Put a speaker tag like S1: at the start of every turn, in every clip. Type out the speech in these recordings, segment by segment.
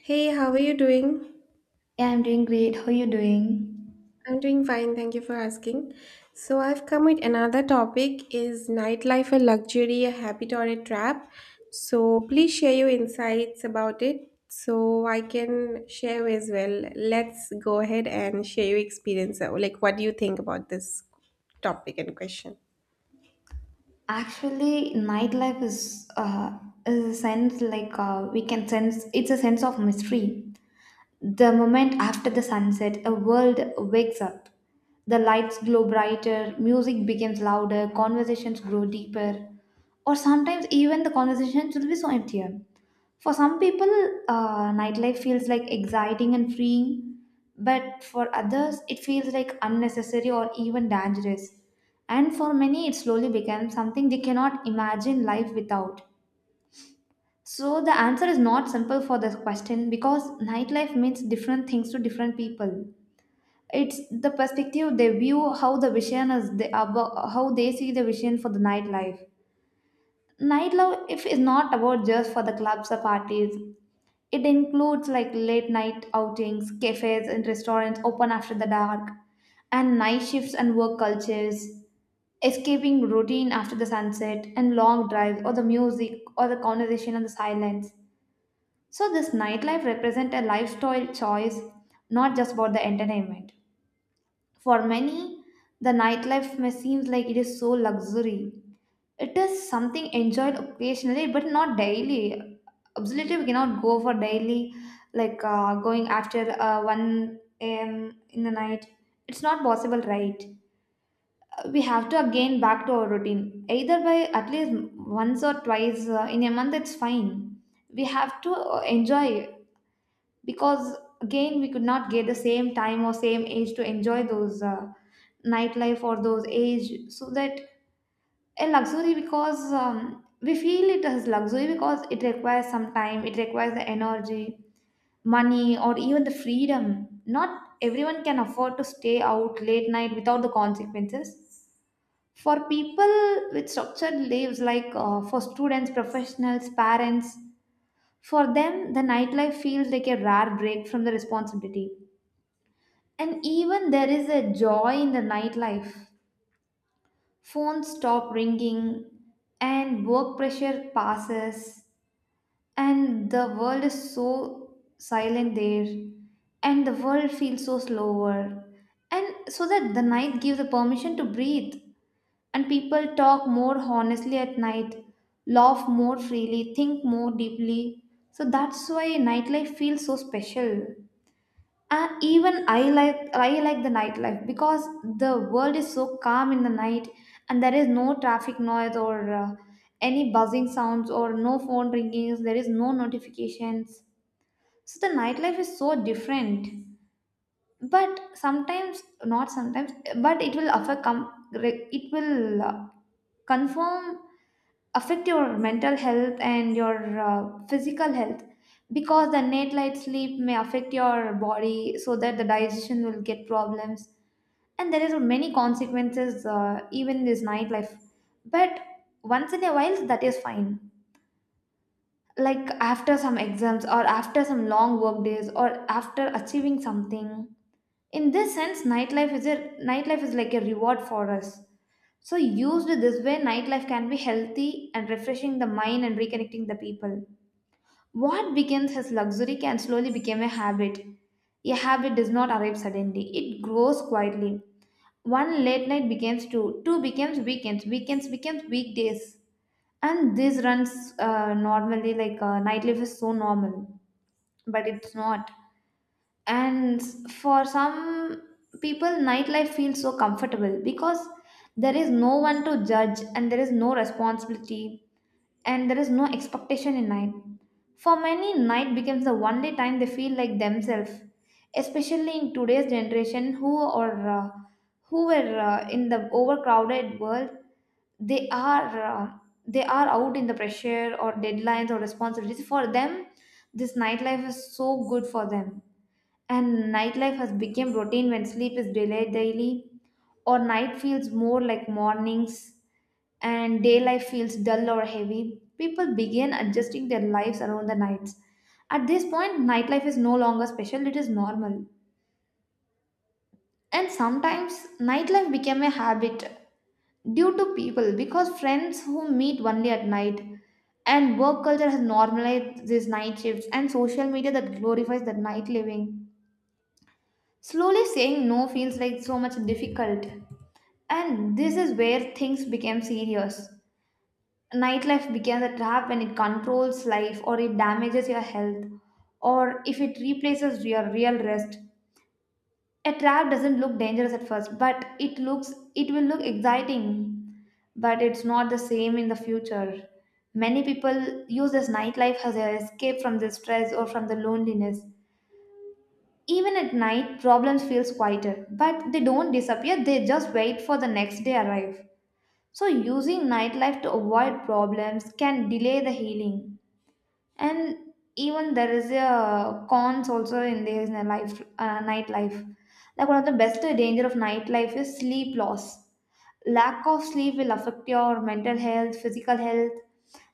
S1: Hey, how are you doing?
S2: Yeah, I'm doing great. How are you doing?
S1: I'm doing fine, thank you for asking. So I've come with another topic. Is nightlife a luxury, a habit or a trap? So please share your insights about it so I can share as well. Let's go ahead and share your experience. Like what do you think about this topic and question?
S2: Actually, nightlife is a sense like we can sense it's a sense of mystery. The moment after the sunset, a world wakes up. The lights glow brighter, music becomes louder, conversations grow deeper, or sometimes even the conversations will be so empty. For some people, nightlife feels like exciting and freeing, but for others, it feels like unnecessary or even dangerous. And for many, it slowly becomes something they cannot imagine life without. So, the answer is not simple for this question because nightlife means different things to different people. It's the perspective they view how the vision is, they, about, how they see the vision for the nightlife. Nightlife if is not about just for the clubs or parties. It includes like late night outings, cafes and restaurants open after the dark, and night shifts and work cultures, escaping routine after the sunset, and long drives, or the music, or the conversation and the silence. So, this nightlife represents a lifestyle choice, not just about the entertainment. For many, the nightlife may seems like it is so luxury, it is something enjoyed occasionally, but not daily. Absolutely, we cannot go for daily, like going after 1 a.m. in the night. It's not possible, right? We have to again back to our routine. Either by at least once or twice in a month, it's fine. We have to enjoy because again, we could not get the same time or same age to enjoy those nightlife or those age so that a luxury because we feel it as luxury because it requires some time, it requires the energy, money, or even the freedom. Not everyone can afford to stay out late night without the consequences for people with structured lives, like for students, professionals, parents. For them the nightlife feels like a rare break from the responsibility, and even there is a joy in the nightlife. Phones stop ringing, and work pressure passes, and the world is so silent there, and the world feels so slower, and so that the night gives the permission to breathe, and people talk more honestly at night, laugh more freely, think more deeply. So that's why nightlife feels so special. Even I like the nightlife because the world is so calm in the night and there is no traffic noise or any buzzing sounds or no phone ringings, there is no notifications. So the nightlife is so different. But sometimes not sometimes but it will offer it will confirm, affect your mental health and your physical health because the night light sleep may affect your body so that the digestion will get problems, and there is many consequences even in this nightlife. But once in a while that is fine, like after some exams or after some long work days or after achieving something. In this sense nightlife is like a reward for us. So used this way, nightlife can be healthy and refreshing the mind and reconnecting the people. What begins as luxury can slowly become a habit. A habit does not arrive suddenly, it grows quietly. One late night becomes two, two becomes weekends, weekends becomes weekdays. And this runs normally, like nightlife is so normal, but it's not. And for some people nightlife feels so comfortable because there is no one to judge and there is no responsibility and there is no expectation in night. For many, night becomes the only time they feel like themselves, especially in today's generation who or who were in the overcrowded world. they are uh, they are out in the pressure or deadlines or responsibilities. For them this nightlife is so good for them. And nightlife has become routine when sleep is delayed daily, or night feels more like mornings, and daylight feels dull or heavy. People begin adjusting their lives around the nights. At this point, nightlife is no longer special, it is normal. And sometimes, nightlife became a habit due to people because friends who meet only at night and work culture has normalized these night shifts and social media that glorifies the night living. Slowly saying no feels like so much difficult. And this is where things became serious. Nightlife becomes a trap when it controls life or it damages your health or if it replaces your real rest. A trap doesn't look dangerous at first, but it will look exciting, but it's not the same in the future. Many people use this nightlife as an escape from the stress or from the loneliness. Even at night, problems feels quieter, but they don't disappear, they just wait for the next day arrive. So using nightlife to avoid problems can delay the healing. And even there is a cons also in this life nightlife. Like one of the best danger of nightlife is sleep loss. Lack of sleep will affect your mental health, physical health,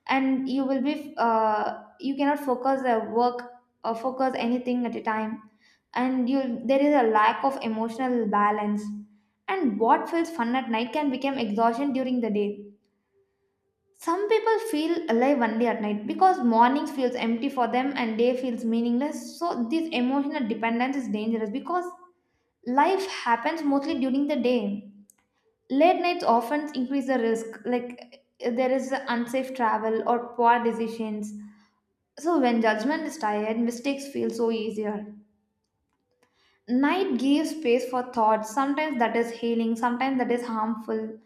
S2: and you will be you cannot focus the work or focus anything at a time, and you there is a lack of emotional balance. And what feels fun at night can become exhaustion during the day. Some people feel alive only at night because mornings feels empty for them and day feels meaningless, so this emotional dependence is dangerous because life happens mostly during the day. Late nights often increase the risk, like there is unsafe travel or poor decisions. So, when judgment is tired, mistakes feel so easier. Night gives space for thoughts, sometimes that is healing, sometimes that is harmful.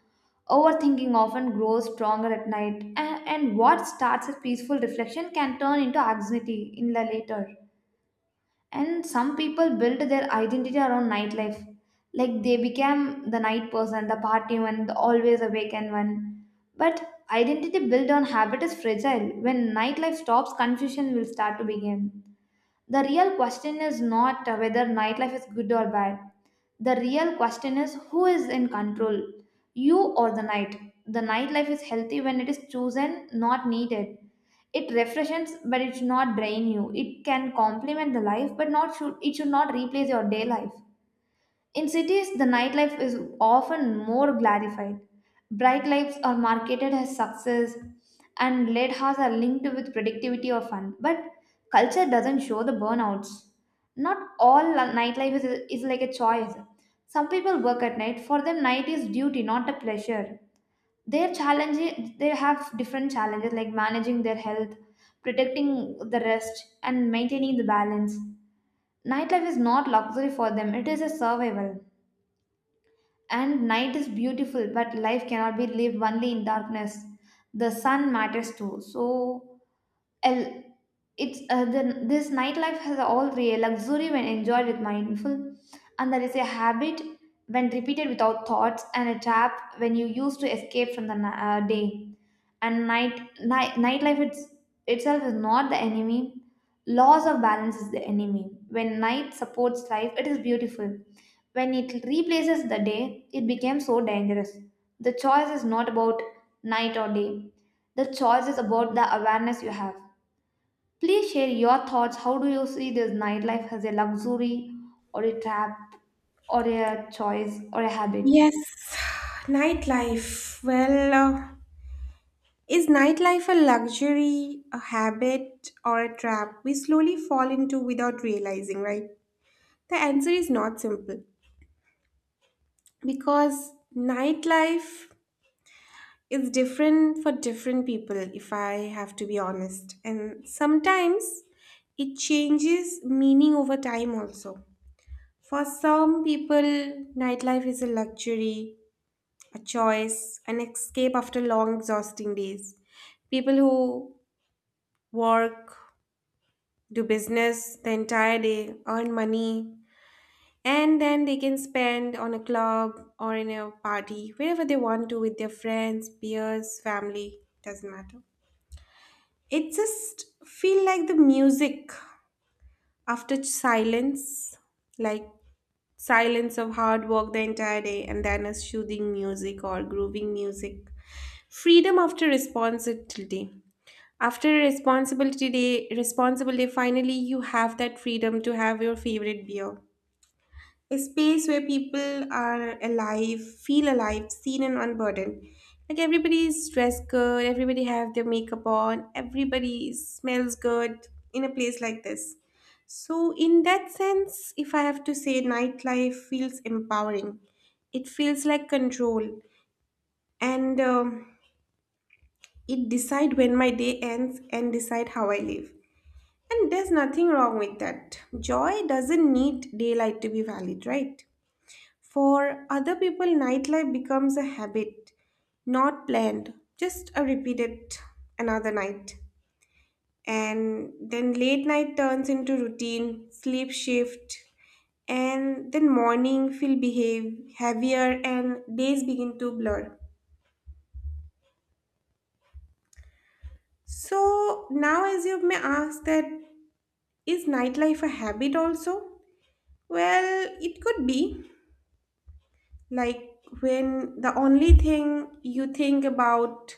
S2: Overthinking often grows stronger at night, and what starts as peaceful reflection can turn into anxiety in the later. And some people built their identity around nightlife. Like they became the night person, the party one, the always awakened one. But identity built on habit is fragile. When nightlife stops, confusion will start to begin. The real question is not whether nightlife is good or bad. The real question is who is in control, you or the night. The nightlife is healthy when it is chosen, not needed. It refreshes, but it should not drain you. It can complement the life, but not should it should not replace your day life. In cities, the nightlife is often more glorified. Bright lights are marketed as success, and late hours are linked with productivity or fun. But culture doesn't show the burnouts. Not all nightlife is, is like a choice. Some people work at night. For them, night is duty, not a pleasure. Their challenges, they have different challenges like managing their health, protecting the rest and maintaining the balance. Nightlife is not luxury for them, it is a survival. And night is beautiful, but life cannot be lived only in darkness. The sun matters too. So L- it's this nightlife has all the luxury when enjoyed with mindful, and there is a habit when repeated without thoughts, and a trap when you use to escape from the day and night, nightlife itself is not the enemy. Loss of balance is the enemy. When night supports life it is beautiful, when it replaces the day, it became so dangerous. The choice is not about night or day. The choice is about the awareness you have. Please share your thoughts. How do you see this nightlife as a luxury or a trap or a choice or a habit?
S1: Yes, nightlife. Is nightlife a luxury, a habit, or a trap we slowly fall into without realizing, right? The answer is not simple because nightlife is different for different people, if I have to be honest. And sometimes it changes meaning over time also. For some people, nightlife is a luxury, a choice, an escape after long, exhausting days. People who work do business the entire day, earn money, and then they can spend on a club or in a party, wherever they want to with their friends, peers, family, doesn't matter. It just feel like the music after silence, like silence of hard work the entire day and then a soothing music or grooving music. Freedom after responsibility, after a responsibility day responsible day, finally you have that freedom to have your favorite beer, a space where people are alive, feel alive, seen and unburdened. Like everybody is dressed good, everybody have their makeup on, everybody smells good in a place like this. So in that sense, if I have to say, nightlife feels empowering. It feels like control, and it decide when my day ends and decide how I live. And there's nothing wrong with that. Joy doesn't need daylight to be valid, right? For other people, nightlife becomes a habit, not planned, just a repeated another night. And then late night turns into routine, sleep shift, and then morning feel behave heavier and days begin to blur. So now as you may ask that is nightlife a habit also? Well, it could be like when the only thing you think about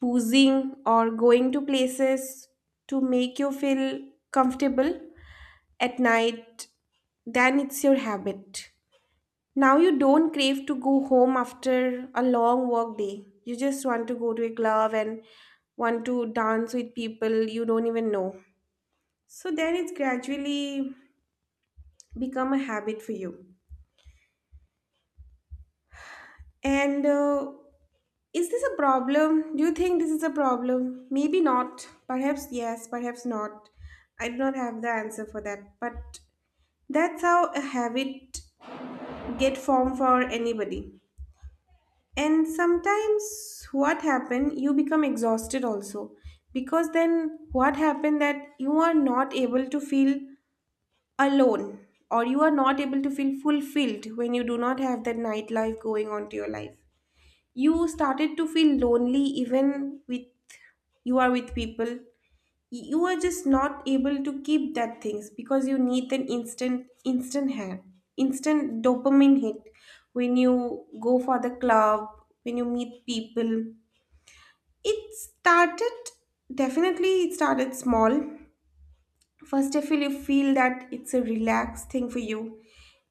S1: choosing or going to places to make you feel comfortable at night, then it's your habit. Now you don't crave to go home after a long work day. You just want to go to a club and want to dance with people you don't even know. So then it's gradually become a habit for you. And Is this a problem? Do you think this is a problem? Maybe not. Perhaps yes, perhaps not. I do not have the answer for that. But that's how a habit get formed for anybody. And sometimes what happen, you become exhausted also. Because then what happened that you are not able to feel alone or you are not able to feel fulfilled when you do not have that nightlife going on to your life, you started to feel lonely even with you are with people, you are just not able to keep that things because you need an instant dopamine hit when you go for the club, when you meet people, it started, definitely it started small. First, if you feel that it's a relaxed thing for you,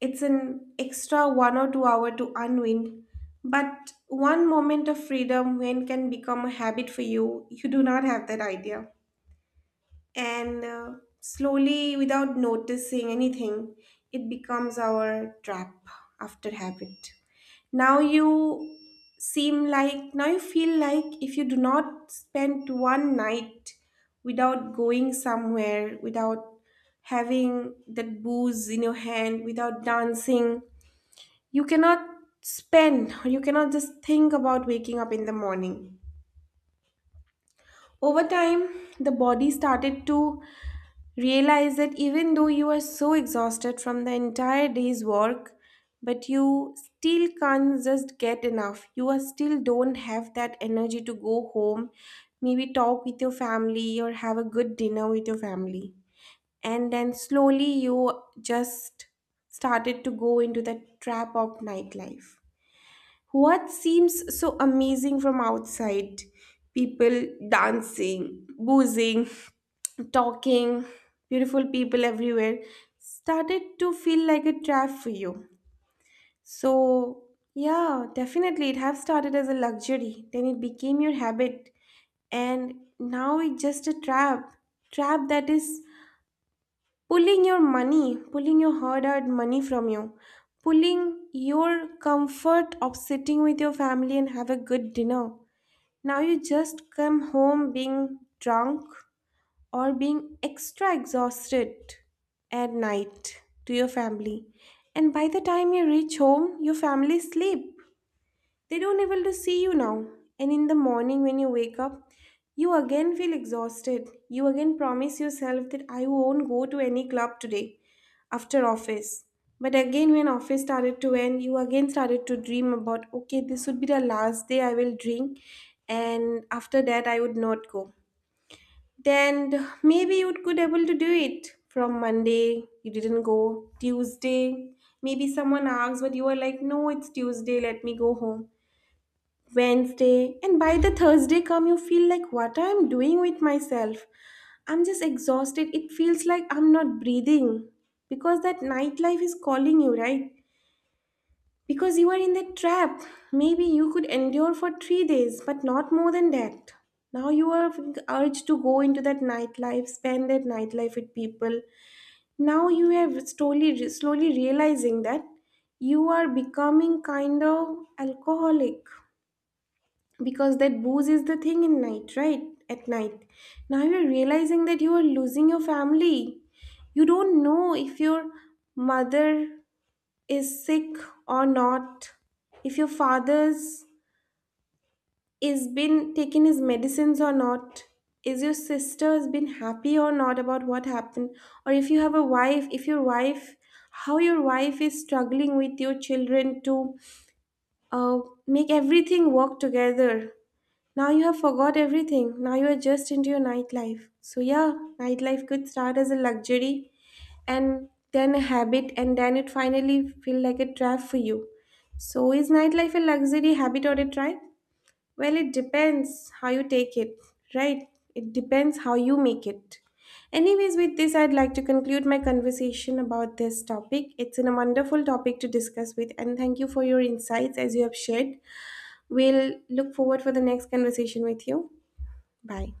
S1: it's an extra 1 or 2 hour to unwind. But one moment of freedom when can become a habit for you, you do not have that idea. And Slowly, without noticing anything, it becomes our trap after habit. Now you seem like, now you feel like if you do not spend one night without going somewhere, without having that booze in your hand, without dancing, you cannot spend or you cannot just think about waking up in the morning. Over time, the body started to realize that even though you are so exhausted from the entire day's work, but you still can't just get enough. You are still don't have that energy to go home, maybe talk with your family or have a good dinner with your family. And then slowly you just started to go into the trap of nightlife. What seems so amazing from outside, people dancing, boozing, talking, beautiful people everywhere, started to feel like a trap for you. So, yeah, definitely it have started as a luxury, then it became your habit, and now it's just a trap. Trap that is pulling your money, pulling your hard earned money from you, pulling your comfort of sitting with your family and have a good dinner. Now you just come home being drunk or being extra exhausted at night to your family. And by the time you reach home, your family sleep. They don't able to see you now. And in the morning when you wake up, you again feel exhausted. You again promise yourself that I won't go to any club today after office. But again when office started to end, you again started to dream about okay, this would be the last day I will drink and after that I would not go. Then maybe you could able to do it. From Monday, you didn't go. Tuesday, maybe someone asks, but you are like, no, it's Tuesday, let me go home. Wednesday, and by the Thursday come, you feel like what I'm doing with myself. I'm just exhausted. It feels like I'm not breathing because that nightlife is calling you, right? Because you are in that trap. Maybe you could endure for 3 days, but not more than that. Now you are urged to go into that nightlife, spend that nightlife with people. Now you are slowly, slowly realizing that you are becoming kind of alcoholic because that booze is the thing in night, at night, now you're realizing that you are losing your family, you don't know if your mother is sick or not, if your father's is been taking his medicines or not, is your sister has been happy or not about what happened, or if you have a wife, if your wife, how your wife is struggling with your children to uh, make everything work together. Now you have forgot everything. Now you are just into your nightlife. So yeah, nightlife could start as a luxury and then a habit and then it finally feel like a trap for you. So is nightlife a luxury habit or a trap? Well, it depends how you take it, right? It depends how you make it. Anyways, with this, I'd like to conclude my conversation about this topic. It's a wonderful topic to discuss with, and thank you for your insights as you have shared. We'll look forward for the next conversation with you. Bye.